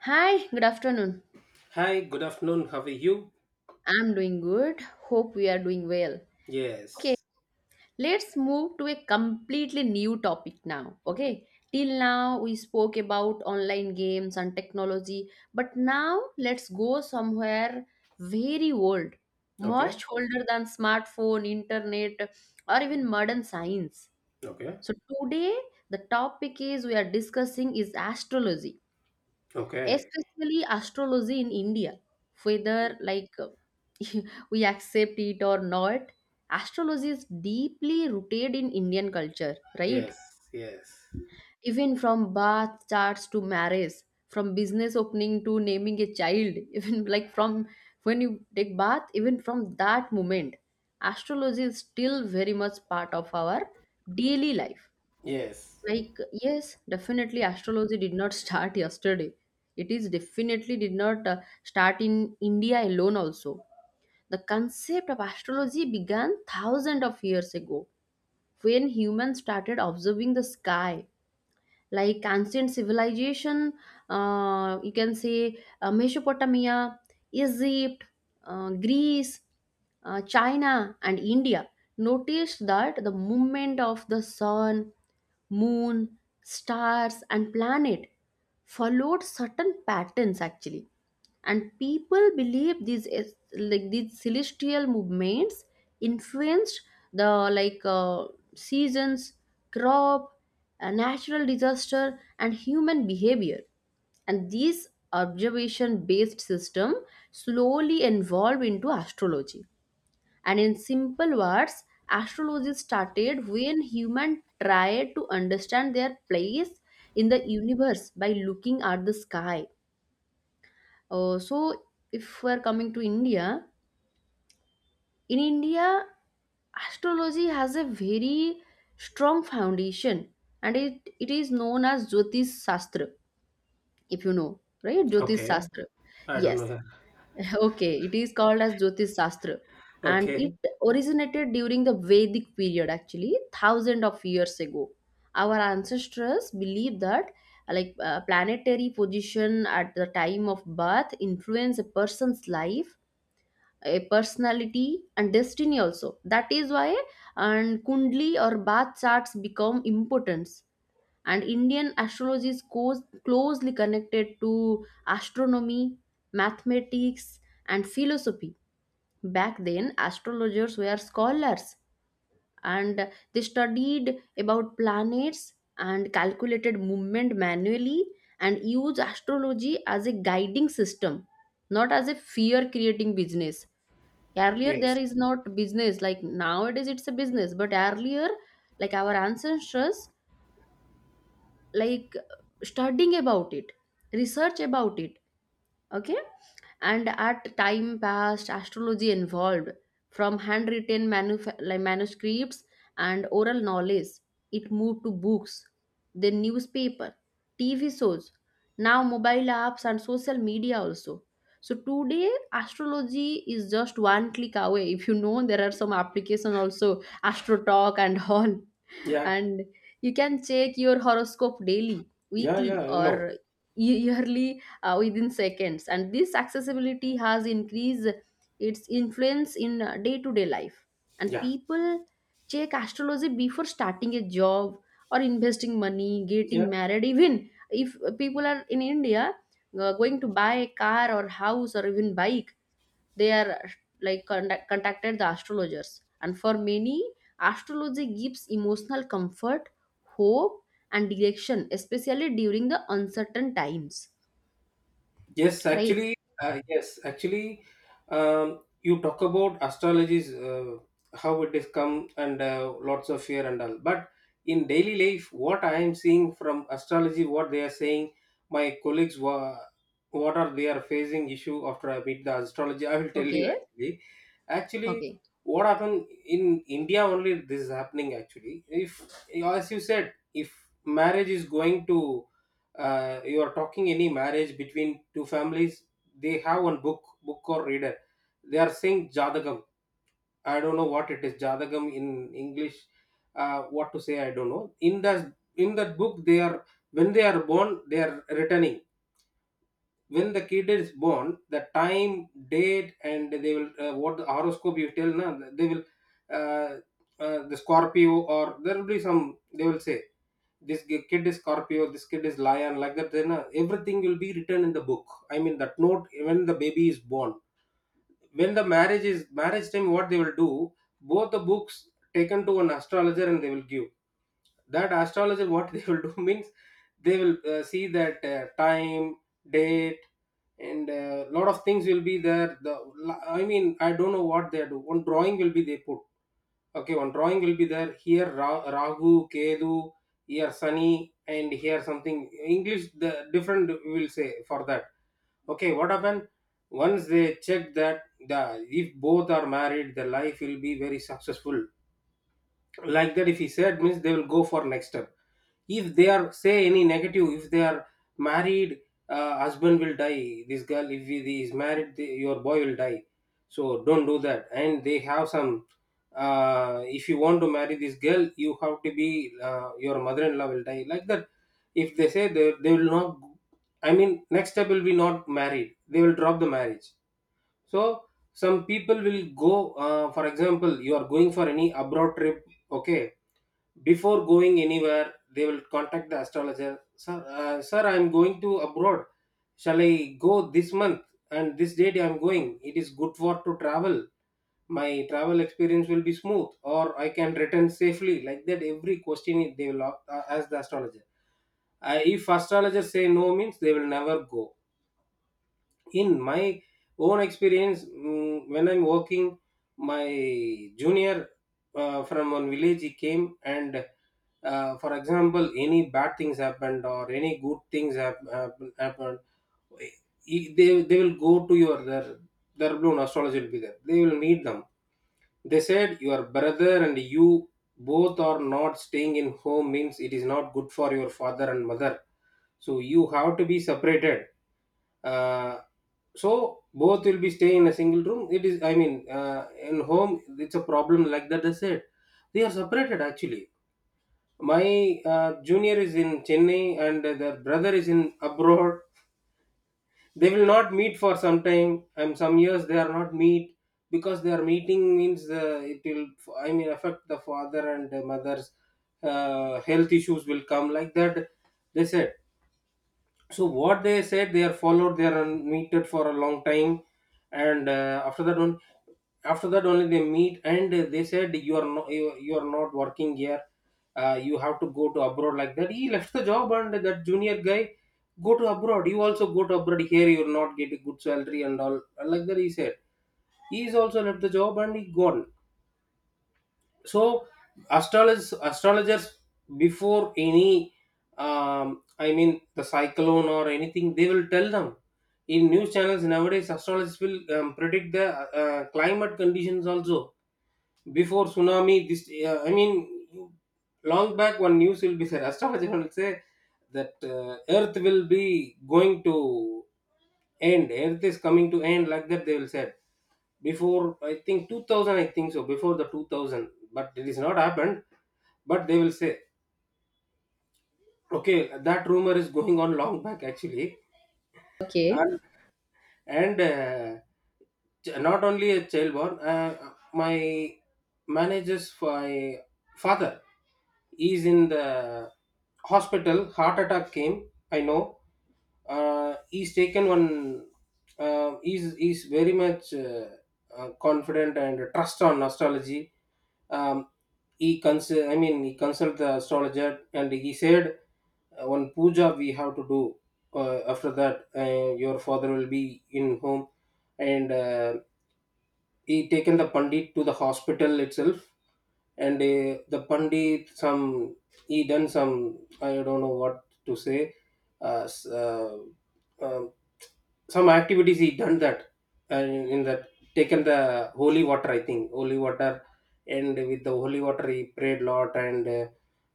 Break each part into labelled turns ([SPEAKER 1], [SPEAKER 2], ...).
[SPEAKER 1] Hi, good afternoon.
[SPEAKER 2] Hi, good afternoon. How are you?
[SPEAKER 1] I'm doing good. Hope we are doing well. Okay,
[SPEAKER 2] Yes.
[SPEAKER 1] let's move to a completely new topic now. Okay, till now we spoke about online games and technology, but now let's go somewhere very old,
[SPEAKER 2] Okay.
[SPEAKER 1] much older than smartphone, internet, or even modern science.
[SPEAKER 2] Okay.
[SPEAKER 1] So today the topic is we are discussing is astrology,
[SPEAKER 2] Okay.
[SPEAKER 1] especially astrology in India. Whether like we accept it or not, astrology is deeply rooted in Indian culture, right?
[SPEAKER 2] Yes. Yes.
[SPEAKER 1] Even from birth charts to marriage, from business opening to naming a child, even like from when you take bath, even from that moment, astrology is still very much part of our daily life.
[SPEAKER 2] Yes.
[SPEAKER 1] Like, yes, definitely astrology did not start yesterday. It is definitely did not start in India alone also. The concept of astrology began thousands of years ago when humans started observing the sky, like ancient civilization. You can say Mesopotamia, Egypt, Greece, China and India noticed that the movement of the sun, moon, stars and planet followed certain patterns actually, and people believe these es- like these celestial movements influenced the like uh, seasons, crop, natural disaster and human behavior. And this observation based system slowly evolved into astrology. And in simple words, astrology started when humans tried to understand their place in the universe by looking at the sky. So, if we're coming to India, in India, astrology has a very strong foundation, and it is known as Jyotish Shastra, if you know, right? Jyotish
[SPEAKER 2] Okay.
[SPEAKER 1] Shastra.
[SPEAKER 2] I don't know.
[SPEAKER 1] Yes.
[SPEAKER 2] Yeah.
[SPEAKER 1] Okay, it is called as Jyotish Shastra, and it
[SPEAKER 2] Okay.
[SPEAKER 1] originated during the Vedic period actually, thousand of years ago. Our ancestors believed that planetary position at the time of birth influence a person's life, a personality and destiny also. That is why and kundli or bath charts become important. And Indian astrology is closely connected to astronomy, mathematics and philosophy. Back then astrologers were scholars, and they studied about planets and calculated movement manually, and used astrology as a guiding system, not as a fear creating business. Earlier there
[SPEAKER 2] Yes.
[SPEAKER 1] is not business like nowadays it's a business, but earlier, like our ancestors, like studying about it, research about it, okay. And at time past astrology evolved from handwritten manuscripts and oral knowledge. It moved to books, then newspaper, TV shows, now mobile apps and social media also. So today astrology is just one click away. If you know, there are some applications also, Astrotalk and all.
[SPEAKER 2] Yeah.
[SPEAKER 1] And you can check your horoscope daily,
[SPEAKER 2] Yeah. Yeah,
[SPEAKER 1] weekly
[SPEAKER 2] I know.
[SPEAKER 1] or yearly within seconds. And this accessibility has increased its influence in day to day life, and
[SPEAKER 2] Yeah.
[SPEAKER 1] people check astrology before starting a job or investing money,
[SPEAKER 2] Yeah.
[SPEAKER 1] getting married. Even if people are in India, going to buy a car or house or even bike, they are like contacted the astrologers. And for many, astrology gives emotional comfort, hope and direction, especially during the uncertain times,
[SPEAKER 2] Yes,
[SPEAKER 1] right?
[SPEAKER 2] actually, yes, actually, you talk about astrologies, how it has come and lots of fear and all. But in daily life, what I am seeing from astrology, what they are saying, my colleagues, what are they are facing issue after I meet the astrology, I will tell you
[SPEAKER 1] Okay,
[SPEAKER 2] actually. Actually,
[SPEAKER 1] okay,
[SPEAKER 2] what happened in India only this is happening actually. If, as you said, if marriage is going to you are talking any marriage between two families, they have one book or reader, they are saying jadagam. I don't know what it is jadagam in English. What to say, I don't know. In that in that book they are, when they are born they are returning. When the kid is born, the time, date, and they will, what the horoscope you tell na, they will, uh, the Scorpio, or there will be some they will say this kid is Scorpio, this kid is lion, like that. Then everything will be written in the book, I mean that note, when the baby is born. When the marriage is marriage time, what they will do, both the books taken to an astrologer, and they will give that astrologer. What they will do means they will, see that time, date, and a lot of things will be there, the, I mean I don't know what they do. One drawing will be they put, okay, one drawing will be there, here rahu kedu, here sunny, and here something. English the different will say for that. Okay, what happened, once they check that, the, if both are married the life will be very successful, like that if he said means they will go for next step. If they are say any negative, if they are married, husband will die. This girl if he is married, the, your boy will die. So don't do that. And they have some, if you want to marry this girl, you have to be, your mother-in-law will die, like that. If they say, they will not, I mean next step will be not married, they will drop the marriage. So some people will go, for example, you are going for any abroad trip. Okay, before going anywhere they will contact the astrologer: sir, sir, I am going to abroad, shall I go this month, and this date I am going, it is good for to travel, my travel experience will be smooth or I can return safely, like that every question they will ask the astrologer. If astrologer say no means they will never go. In my own experience, when I'm working, my junior, from one village he came, and for example any bad things happened or any good things happened, they will go to your their blown astrology will be there, they will meet them. They said your brother and you both are not staying in home means it is not good for your father and mother, so you have to be separated. uh, so both will be staying in a single room, it is, I mean, in home it's a problem, like that I said. They are separated actually. My junior is in Chennai, and their brother is in abroad. They will not meet for some time, I'm some years they are not meet, because their meeting means the, it will, I mean affect the father and the mother's health issues will come, like that they said. So what they said they are followed, they are unmuted for a long time. And after that one, after that only they meet, and they said you are not, you are not working here, you have to go to abroad, like that he left the job. And that junior guy, go to abroad, you also go to abroad, here you're not getting good salary and all, like that he said. He's also left the job and he gone. So astrologers before any, I mean the cyclone or anything they will tell them. In news channels nowadays astrologers will predict the climate conditions also. Before tsunami, this I mean long back one news will be there. Astrologer will say that earth will be going to end, earth is coming to end, like that they will say. Before I think 2000, I think so, before the 2000, but it is not happened, but they will say. Okay, that rumor is going on long back actually.
[SPEAKER 1] okay,
[SPEAKER 2] And And uh, ch- not only a child born, my manager's my father is in the hospital. Heart attack came, I know. He's taken one. Uh, he's very much confident and trust on astrology. Um, he I mean, he consulted the astrologer, and he said one puja we have to do, after that your father will be in home. And he taken the pandit to the hospital itself. And the pandit some, he done some, I don't know what to say, uh, s- uh, um, some activities he done that. And in that, taken the holy water, I think holy water, and with the holy water he prayed lot. And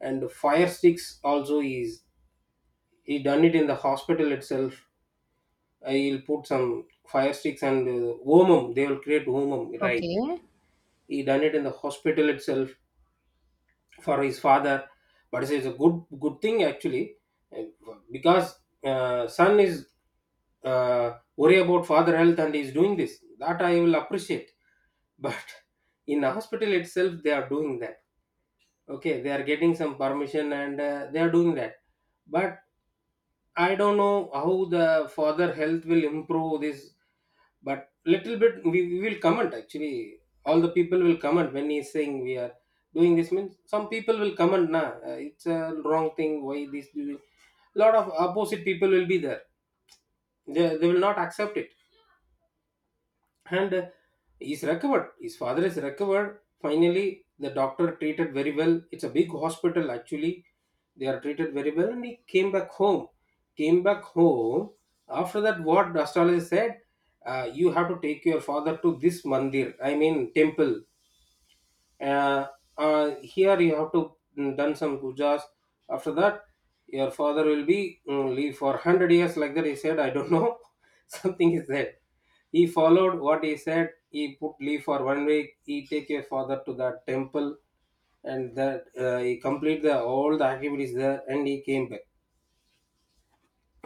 [SPEAKER 2] and fire sticks also is, he done it in the hospital itself. He'll put some fire sticks and omam, they will create omam, right?
[SPEAKER 1] okay,
[SPEAKER 2] He done it in the hospital itself for his father. But it's a good good thing actually, uh, because son is uh, worry about father health, and he's doing this, that I will appreciate. But in the hospital itself they are doing that, okay, they are getting some permission and they are doing that. But I don't know how the father health will improve this. But little bit we will comment actually. All the people will comment when he's saying we are doing this means some people will comment, nah, it's a wrong thing, why this do you-" lot of opposite people will be there, they will not accept it. And he's recovered, his father is recovered, finally the doctor treated very well, it's a big hospital actually. They are treated very well and he came back home. Came back home. After that what astrologer said, you have to take your father to this mandir, I mean temple, uh, here you have to done some pujas. After that your father will be, leave for 100 years, like that he said, I don't know. Something is there. He followed what he said, he put leave for 1 week, he take your father to that temple, and that he complete the all the activities there, and he came back.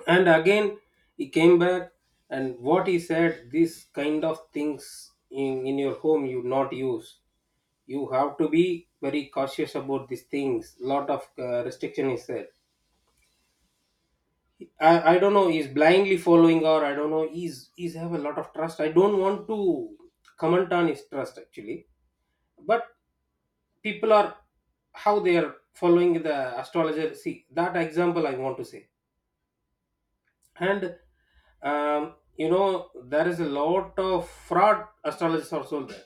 [SPEAKER 2] And again he came back, and what he said, this kind of things in your home you not use, you have to be very cautious about these things, lot of restriction is there. I don't know he's blindly following, or I don't know, he's have a lot of trust, I don't want to comment on his trust actually. But people are, how they are following the astrologer, see that example I want to say. And you know there is a lot of fraud astrologers also there.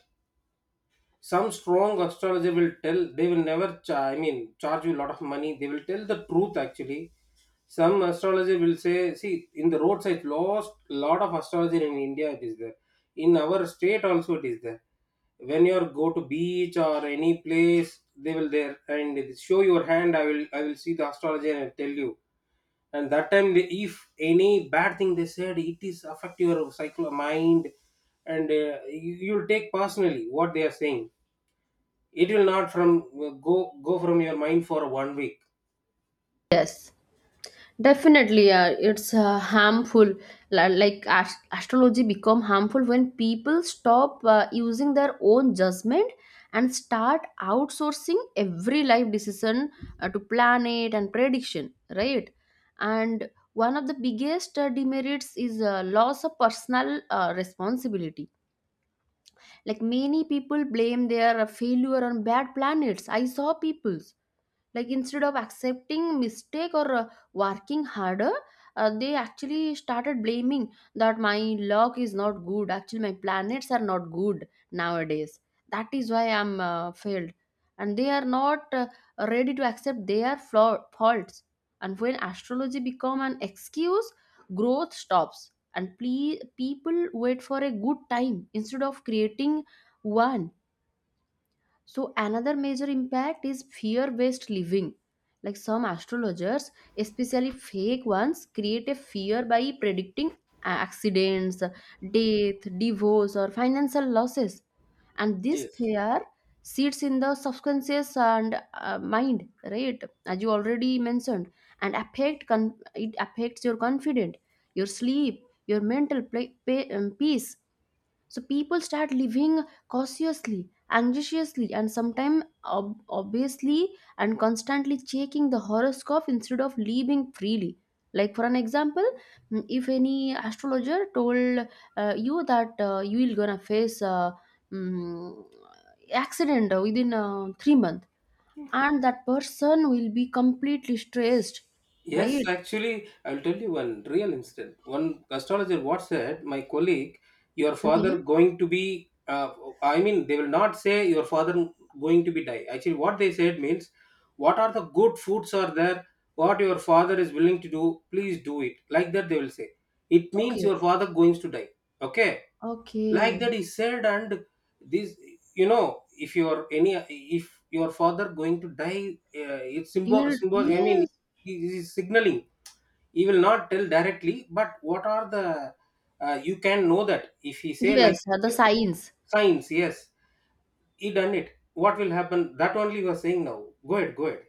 [SPEAKER 2] Some strong astrologer will tell, they will never I mean charge you a lot of money, they will tell the truth actually. Some astrologer will say, see in the roadside, lost lot of astrologer in India it is there, in our state also it is there. When you are go to beach or any place, they will there and they show your hand, I will see the astrologer and I'll tell you. And that time if any bad thing they said, it is affect your psycho mind, and you'll take personally what they are saying, it will not from go go from your mind for 1 week.
[SPEAKER 1] yes. Definitely, yeah, it's harmful. Like astrology become harmful when people stop using their own judgment and start outsourcing every life decision to planet and prediction, right? And one of the biggest demerits is loss of personal responsibility. Like many people blame their failure on bad planets. I saw people's, like, instead of accepting mistake or working harder, they actually started blaming that my luck is not good actually, my planets are not good nowadays, that is why I'm failed, and they are not ready to accept their faults. And when astrology become an excuse, growth stops and people wait for a good time instead of creating one. So another major impact is fear-based living. Like some astrologers, especially fake ones, create a fear by predicting accidents, death, divorce, or financial losses. And this
[SPEAKER 2] Yes.
[SPEAKER 1] fear sits in the subconscious and mind, right? As you already mentioned, and affect it affects your confidence, your sleep, your mental peace. So people start living cautiously, anxiously, and sometimes obviously, and constantly checking the horoscope instead of living freely. Like, for an example, if any astrologer told you that you will gonna face mm, accident within 3 months, and that person will be completely stressed,
[SPEAKER 2] Yes,
[SPEAKER 1] right?
[SPEAKER 2] actually, I'll tell you one real incident. One astrologer what said, my colleague, your father
[SPEAKER 1] Okay,
[SPEAKER 2] going to be. I mean, they will not say your father going to be die. Actually, what they said means, what are the good foods are there? What your father is willing to do, please do it. Like that, they will say. It means
[SPEAKER 1] okay,
[SPEAKER 2] your father going to die. Okay, like
[SPEAKER 1] okay.
[SPEAKER 2] that he said. And this, if your any, if your father going to die, it's
[SPEAKER 1] You
[SPEAKER 2] symbol,
[SPEAKER 1] will,
[SPEAKER 2] I mean
[SPEAKER 1] yes,
[SPEAKER 2] he is signaling. He will not tell directly, but what are the you can know that if he say like
[SPEAKER 1] yes, the signs.
[SPEAKER 2] signs. Yes, he done it, what will happen, that only you are saying. Now go ahead, go ahead.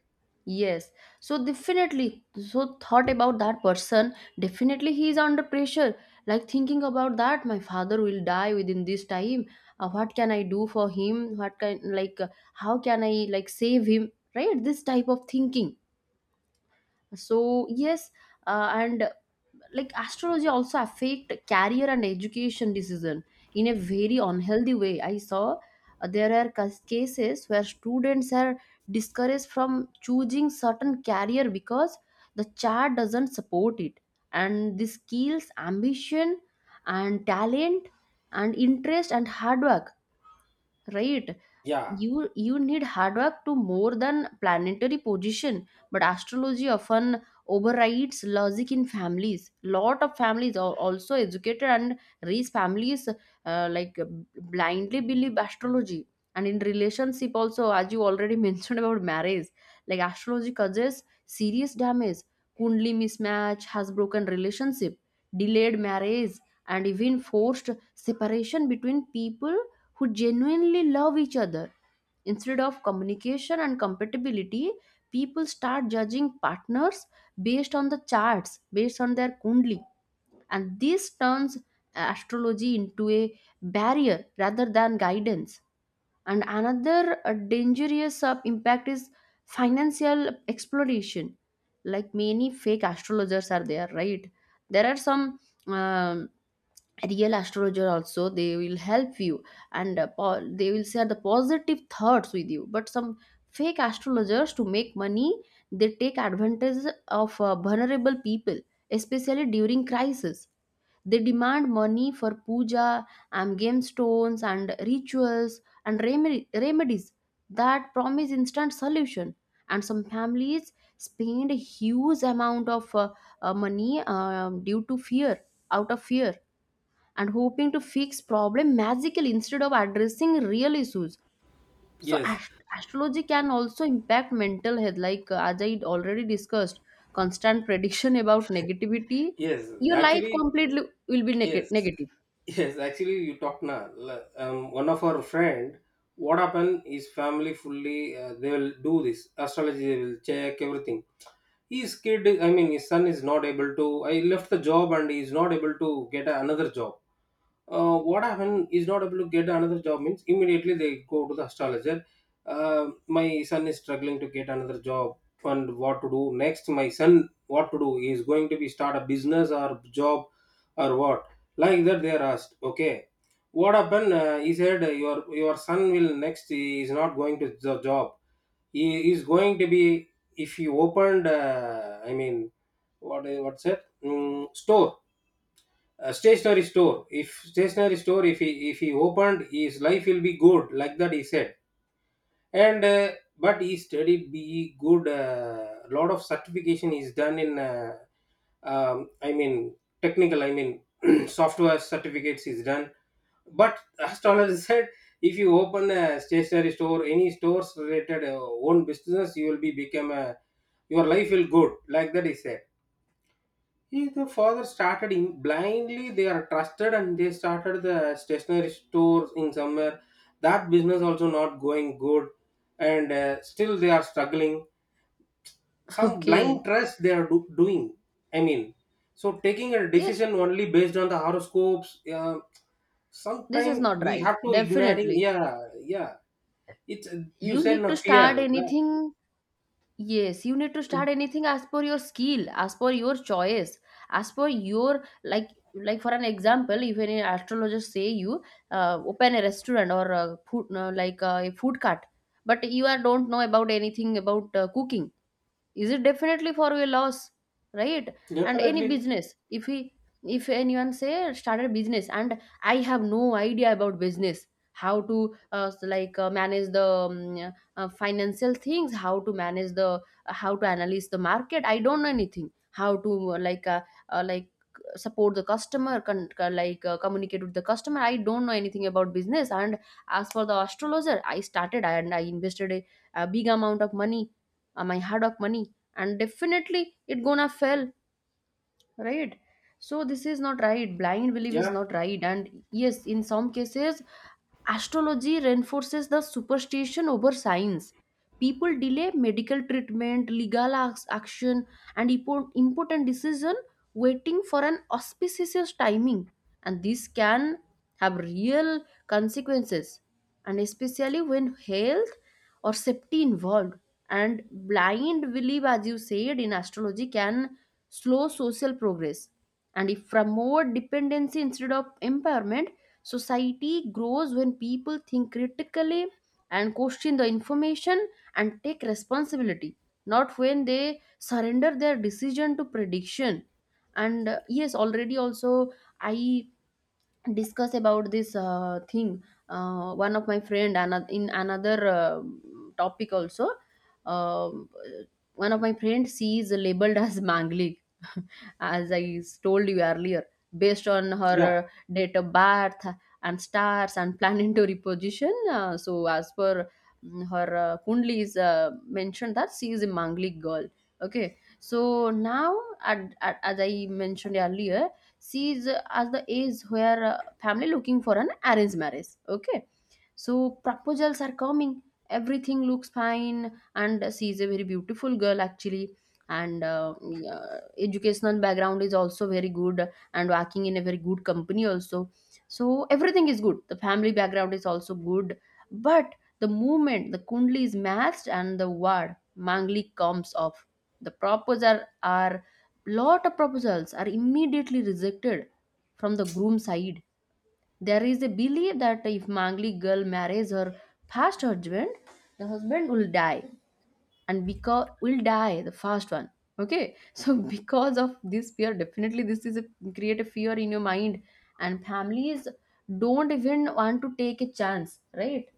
[SPEAKER 1] Yes, so definitely, so thought about that person, definitely he is under pressure. Like thinking about that, my father will die within this time. What can I do for him? What can, like, how can I, like, save him? Right? This type of thinking. So, yes, and like astrology also affect career and education decision in a very unhealthy way. I saw there are cases where students are discouraged from choosing certain career because the chart doesn't support it, and the skills, ambition and talent and interest and hard work, right?
[SPEAKER 2] Yeah,
[SPEAKER 1] You need hard work to more than planetary position, but astrology often overrides logic in families. Lot of families are also educated and raised families, like blindly believe astrology. And in relationship also, as you already mentioned about marriage, like astrology causes serious damage. Kundli mismatch has broken relationship, delayed marriage and even forced separation between people who genuinely love each other. Instead of communication and compatibility, people start judging partners based on the charts, based on their kundli. And this turns astrology into a barrier rather than guidance. And another dangerous impact is financial exploration. Like many fake astrologers are there, right? There are some um, real astrologer also, they will help you and they will share the positive thoughts with you, but some fake astrologers, to make money, they take advantage of vulnerable people, especially during crisis. They demand money for puja and game stones and rituals and remedies that promise instant solution. And some families spend a huge amount of money, due to fear, out of fear, and hoping to fix problem magical instead of addressing real issues. So
[SPEAKER 2] yes,
[SPEAKER 1] astrology can also impact mental health, like, as I already discussed, constant prediction about negativity,
[SPEAKER 2] yes,
[SPEAKER 1] your life
[SPEAKER 2] actually,
[SPEAKER 1] completely will be
[SPEAKER 2] yes.
[SPEAKER 1] negative.
[SPEAKER 2] Yes, actually, you talked now. One of our friend, what happened? His family fully, they will do this astrology. They will check everything. His kid, I mean his son is not able to. I left the job and he is not able to get another job. What happened, is not able to get another job means immediately they go to the astrologer. My son is struggling to get another job, and what to do next? My son, what to do? He is going to be start a business or job, or what? Like that they are asked. Okay, what happened? He said, your son will next, he is not going to the job. He is going to be, if he opened, I mean what's it, store, a stationary store. If stationary store, if he, if he opened, his life will be good, like that he said. And but he studied be good. Lot of certification is done in, I mean technical, I mean software certificates is done. But astrologer said, if you open a stationary store, any stores related, own business, you will be become a, your life will good, like that he said. He, the father started in blindly. They are trusted and they started the stationery stores in somewhere. That business also not going good, and still they are struggling. Some blind
[SPEAKER 1] Okay,
[SPEAKER 2] trust they are doing. I mean, so taking a
[SPEAKER 1] yes,
[SPEAKER 2] decision only based on the horoscopes.
[SPEAKER 1] this is
[SPEAKER 2] Sometimes
[SPEAKER 1] not
[SPEAKER 2] we
[SPEAKER 1] right,
[SPEAKER 2] have to ignoring.
[SPEAKER 1] definitely.
[SPEAKER 2] Yeah, yeah. It's, you
[SPEAKER 1] You
[SPEAKER 2] said
[SPEAKER 1] need
[SPEAKER 2] no
[SPEAKER 1] to
[SPEAKER 2] fear.
[SPEAKER 1] start
[SPEAKER 2] That,
[SPEAKER 1] anything. Yes, you need to start anything as per your skill, as per your choice, as per your, like for an example, if any astrologer say you open a restaurant or a food like a food cart, but you are don't know about anything about cooking. Is it definitely for a loss, right? And any
[SPEAKER 2] definitely.
[SPEAKER 1] business, if anyone say started business and I have no idea about business, how to manage the financial things, how to analyze the market, I don't know anything, how to uh, like support the customer, communicate with the customer, I don't know anything about business, and as for the astrologer I started, and I invested a big amount of money, my hard work money, and definitely it gonna fail, right? So this is not right, blind belief is
[SPEAKER 2] Yeah,
[SPEAKER 1] not right. And yes, in some cases, astrology reinforces the superstition over science. People delay medical treatment, legal action, and important decision waiting for an auspicious timing, and this can have real consequences, and especially when health or safety involved. And blind belief, as you said, in astrology can slow social progress, and if from more dependency instead of empowerment. Society grows when people think critically and question the information and take responsibility, not when they surrender their decision to prediction. And yes, already also I discuss about this thing. One of my friend, another, in another topic also, um, uh, one of my friend, she is labeled as manglik as I told you earlier, based on her
[SPEAKER 2] yeah.
[SPEAKER 1] date of birth and stars and planetary position. So as per her kundli is mentioned that she is a manglik girl. Okay, so now, as I mentioned earlier, she's at the age where family looking for an arranged marriage, okay? So proposals are coming, everything looks fine, and she's a very beautiful girl actually. And yeah, educational background is also very good, and working in a very good company also. So everything is good. The family background is also good. But the moment the kundli is matched and the word mangli comes off, the proposal are lot of proposals are immediately rejected from the groom side. There is a belief that if mangli girl marries her past husband, the husband will die and because will die the fast one. Okay, so because of this fear, definitely this is a create a fear in your mind and families don't even want to take a chance, right?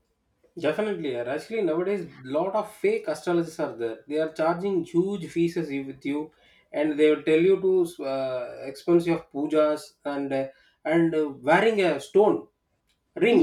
[SPEAKER 2] Definitely, and actually nowadays lot of fake astrologists are there. They are charging huge fees as you, with you, and they will tell you to expensive pujas and, wearing a stone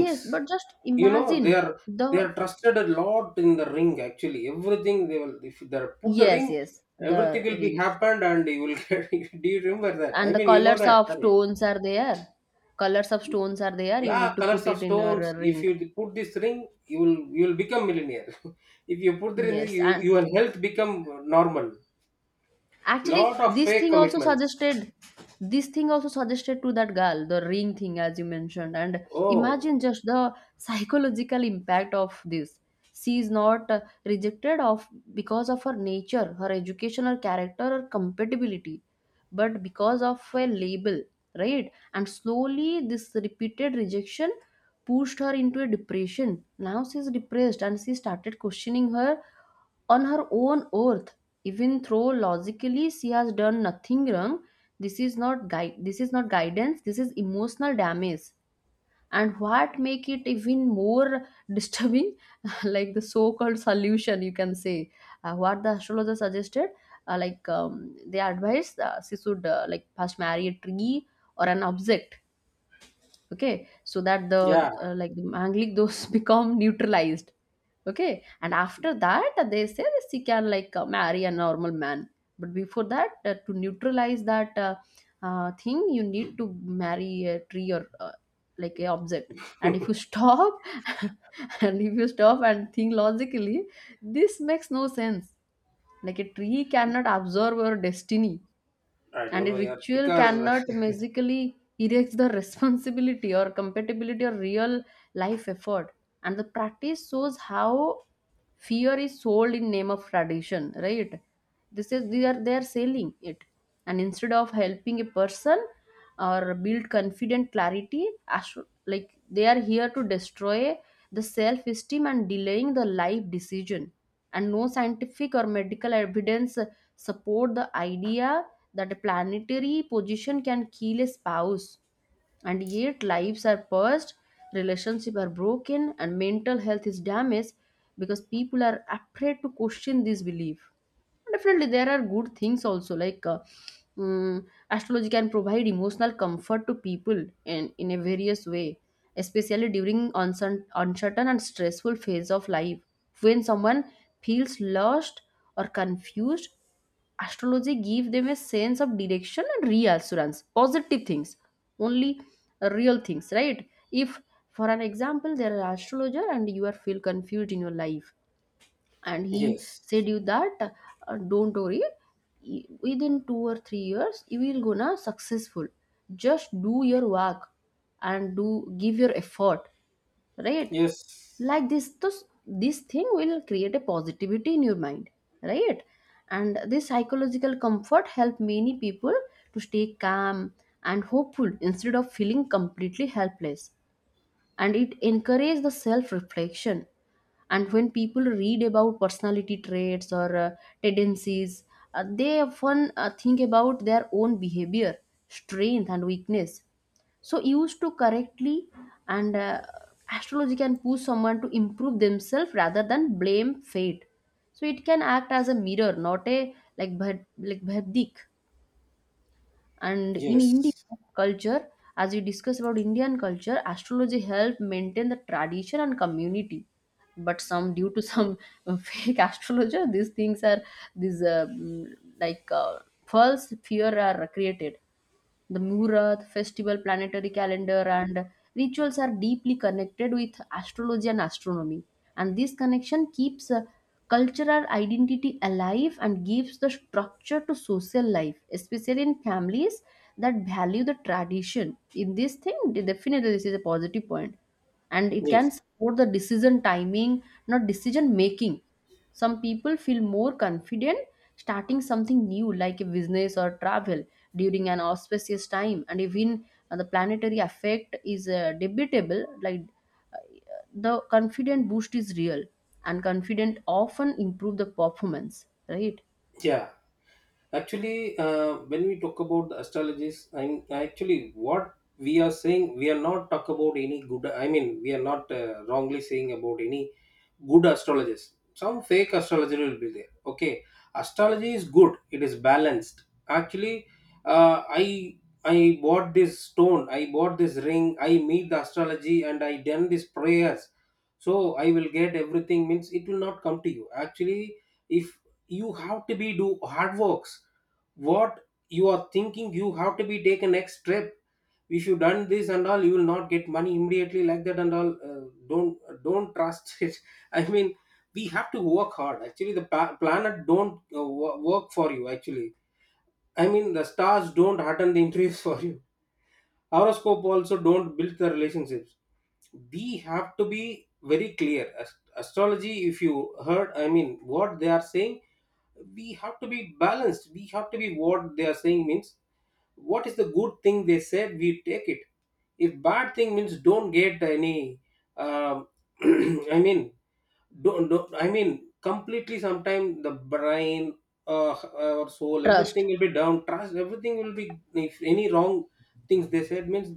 [SPEAKER 1] Yes, but just
[SPEAKER 2] You know they
[SPEAKER 1] imagine
[SPEAKER 2] are, they
[SPEAKER 1] the...
[SPEAKER 2] are trusted a lot in the ring. Actually, everything they will, if they put the
[SPEAKER 1] Yes,
[SPEAKER 2] ring,
[SPEAKER 1] yes, the
[SPEAKER 2] everything will be
[SPEAKER 1] rings
[SPEAKER 2] happened, and you will get. Do you remember that? I
[SPEAKER 1] and the
[SPEAKER 2] mean, you know
[SPEAKER 1] colors
[SPEAKER 2] that,
[SPEAKER 1] of
[SPEAKER 2] right?
[SPEAKER 1] stones are there. Colors of stones are there, you
[SPEAKER 2] Yeah,
[SPEAKER 1] need to
[SPEAKER 2] colors
[SPEAKER 1] put
[SPEAKER 2] of
[SPEAKER 1] it in your
[SPEAKER 2] stones, if
[SPEAKER 1] ring.
[SPEAKER 2] you put this ring, you will become millionaire. If you put the ring,
[SPEAKER 1] Yes,
[SPEAKER 2] you
[SPEAKER 1] and
[SPEAKER 2] your health become normal.
[SPEAKER 1] actually,
[SPEAKER 2] Lot of
[SPEAKER 1] this
[SPEAKER 2] fake
[SPEAKER 1] thing also
[SPEAKER 2] commitments.
[SPEAKER 1] suggested, this thing also suggested to that girl the ring thing as you mentioned, and
[SPEAKER 2] Oh,
[SPEAKER 1] imagine just the psychological impact of this. She is not rejected of because of her nature, her education, her character, her compatibility, but because of a label, right? And slowly this repeated rejection pushed her into a depression. Now she's depressed and she started questioning her on her own earth, even though logically she has done nothing wrong. This is not guide, this is not guidance, this is emotional damage. And what make it even more disturbing like the so-called solution, you can say what the astrologer suggested. Like, they advised she should like first marry a tree or an object. Okay, so that
[SPEAKER 2] yeah,
[SPEAKER 1] the like the angelic those become neutralized. Okay, and after that they say that she can like marry a normal man, but before that to neutralize that thing you need to marry a tree or like a object. And if you stop and if you stop and think logically, this makes no sense. Like a tree cannot absorb your destiny,
[SPEAKER 2] I don't
[SPEAKER 1] and a
[SPEAKER 2] know. Yeah,
[SPEAKER 1] ritual
[SPEAKER 2] because
[SPEAKER 1] cannot magically erase the responsibility or compatibility or real life effort. And the practice shows how fear is sold in name of tradition, right? This is, they are, they are selling it. And instead of helping a person or build confident clarity, astro- like they are here to destroy the self esteem and delaying the life decision. And no scientific or medical evidence support the idea that a planetary position can kill a spouse, and yet lives are purged, relationships are broken, and mental health is damaged because people are afraid to question this belief. Definitely there are good things also, like mm, astrology can provide emotional comfort to people in a various way, especially during uncertain and stressful phase of life. When someone feels lost or confused, astrology give them a sense of direction and reassurance. Positive things only, real things, right? If for an example, there are astrologer and you are feel confused in your life, and he said
[SPEAKER 2] yes,
[SPEAKER 1] you that don't worry, within 2 or 3 years you will gonna successful. Just do your work and do give your effort, right?
[SPEAKER 2] yes,
[SPEAKER 1] Like this thing will create a positivity in your mind, right? And this psychological comfort help many people to stay calm and hopeful instead of feeling completely helpless. And it encourages the self reflection, and when people read about personality traits or tendencies, they often think about their own behavior, strength and weakness, so used to correctly. And astrology can push someone to improve themselves rather than blame fate. So it can act as a mirror, not a like bhad- like bhadik. And in Indian
[SPEAKER 2] yes,
[SPEAKER 1] culture, as we discussed about Indian culture, astrology helped maintain the tradition and community. But some, due to some fake astrologer, these things are, these like false fear are created. The Murat, festival, planetary calendar, and rituals are deeply connected with astrology and astronomy. And this connection keeps cultural identity alive and gives the structure to social life, especially in families that value the tradition. In this thing, definitely this is a positive point, and it can
[SPEAKER 2] yes,
[SPEAKER 1] support the decision timing, not decision making. Some people feel more confident starting something new like a business or travel during an auspicious time. And even the planetary effect is debatable, like uh, the confident boost is real, and confident often improve the performance, right?
[SPEAKER 2] yeah. Actually, when we talk about the astrologies, I'm actually, what we are saying, we are not talk about any good. I mean, we are not wrongly saying about any good astrologers. Some fake astrologer will be there. Okay, astrology is good. It is balanced. Actually, uh, I I bought this stone. I bought this ring. I meet the astrology and I done these prayers. So I will get everything. Means it will not come to you. Actually, if you have to be do hard works, what you are thinking, you have to be take a next step. If you done this and all, you will not get money immediately, like that, and all, don't trust it. I mean, we have to work hard. Actually the planet don't work for you. Actually, I mean the stars don't attend the interviews for you. Horoscope also don't build the relationships. We have to be very clear. Astrology, if you heard, I mean what they are saying, we have to be balanced. We have to be, what they are saying means, what is the good thing they said, we take it. If bad thing, means don't get any, um, I mean don't I mean completely. Sometimes the brain, our soul, everything
[SPEAKER 1] Trust.
[SPEAKER 2] will be down trust. Everything will be, if any wrong things they said, means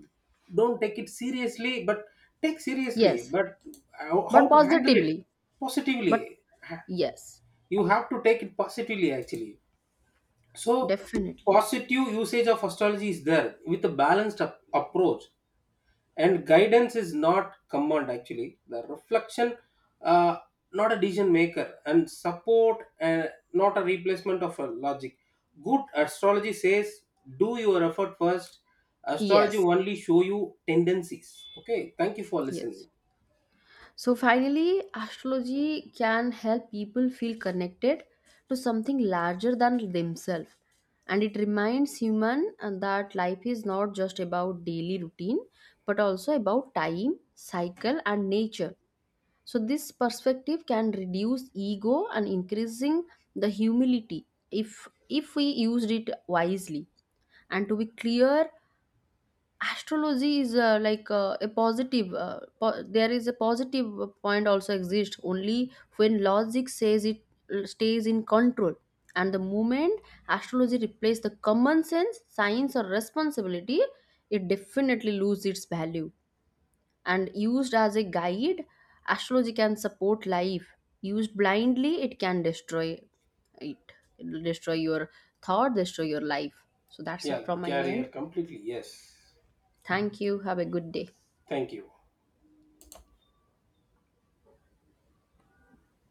[SPEAKER 2] don't take it seriously, but take seriously,
[SPEAKER 1] Yes,
[SPEAKER 2] but how
[SPEAKER 1] but
[SPEAKER 2] to handle it
[SPEAKER 1] positively.
[SPEAKER 2] positively.
[SPEAKER 1] But yes.
[SPEAKER 2] You have to take it positively actually. So
[SPEAKER 1] Definitely.
[SPEAKER 2] positive usage of astrology is there, with a balanced approach, and guidance is not command, actually the reflection, uh, not a decision maker, and support, not a replacement of a logic. Good astrology says, do your effort first. Astrology
[SPEAKER 1] Yes.
[SPEAKER 2] only show you tendencies. Okay, thank you for listening.
[SPEAKER 1] Yes. So finally, astrology can help people feel connected to something larger than themselves. And it reminds human that life is not just about daily routine, but also about time, cycle, and nature. So this perspective can reduce ego and increasing the humility if we used it wisely. And to be clear, astrology is like a positive there is a positive point also exists only when logic says it, stays in control. And the moment astrology replaces the common sense, science or responsibility, it definitely loses its value. And used as a guide, astrology can support life. Used blindly, it can destroy it. It'll destroy your thought, destroy your life. So that's it
[SPEAKER 2] Yeah,
[SPEAKER 1] from my
[SPEAKER 2] career
[SPEAKER 1] end.
[SPEAKER 2] completely, yes.
[SPEAKER 1] Thank you, have a good day.
[SPEAKER 2] Thank you.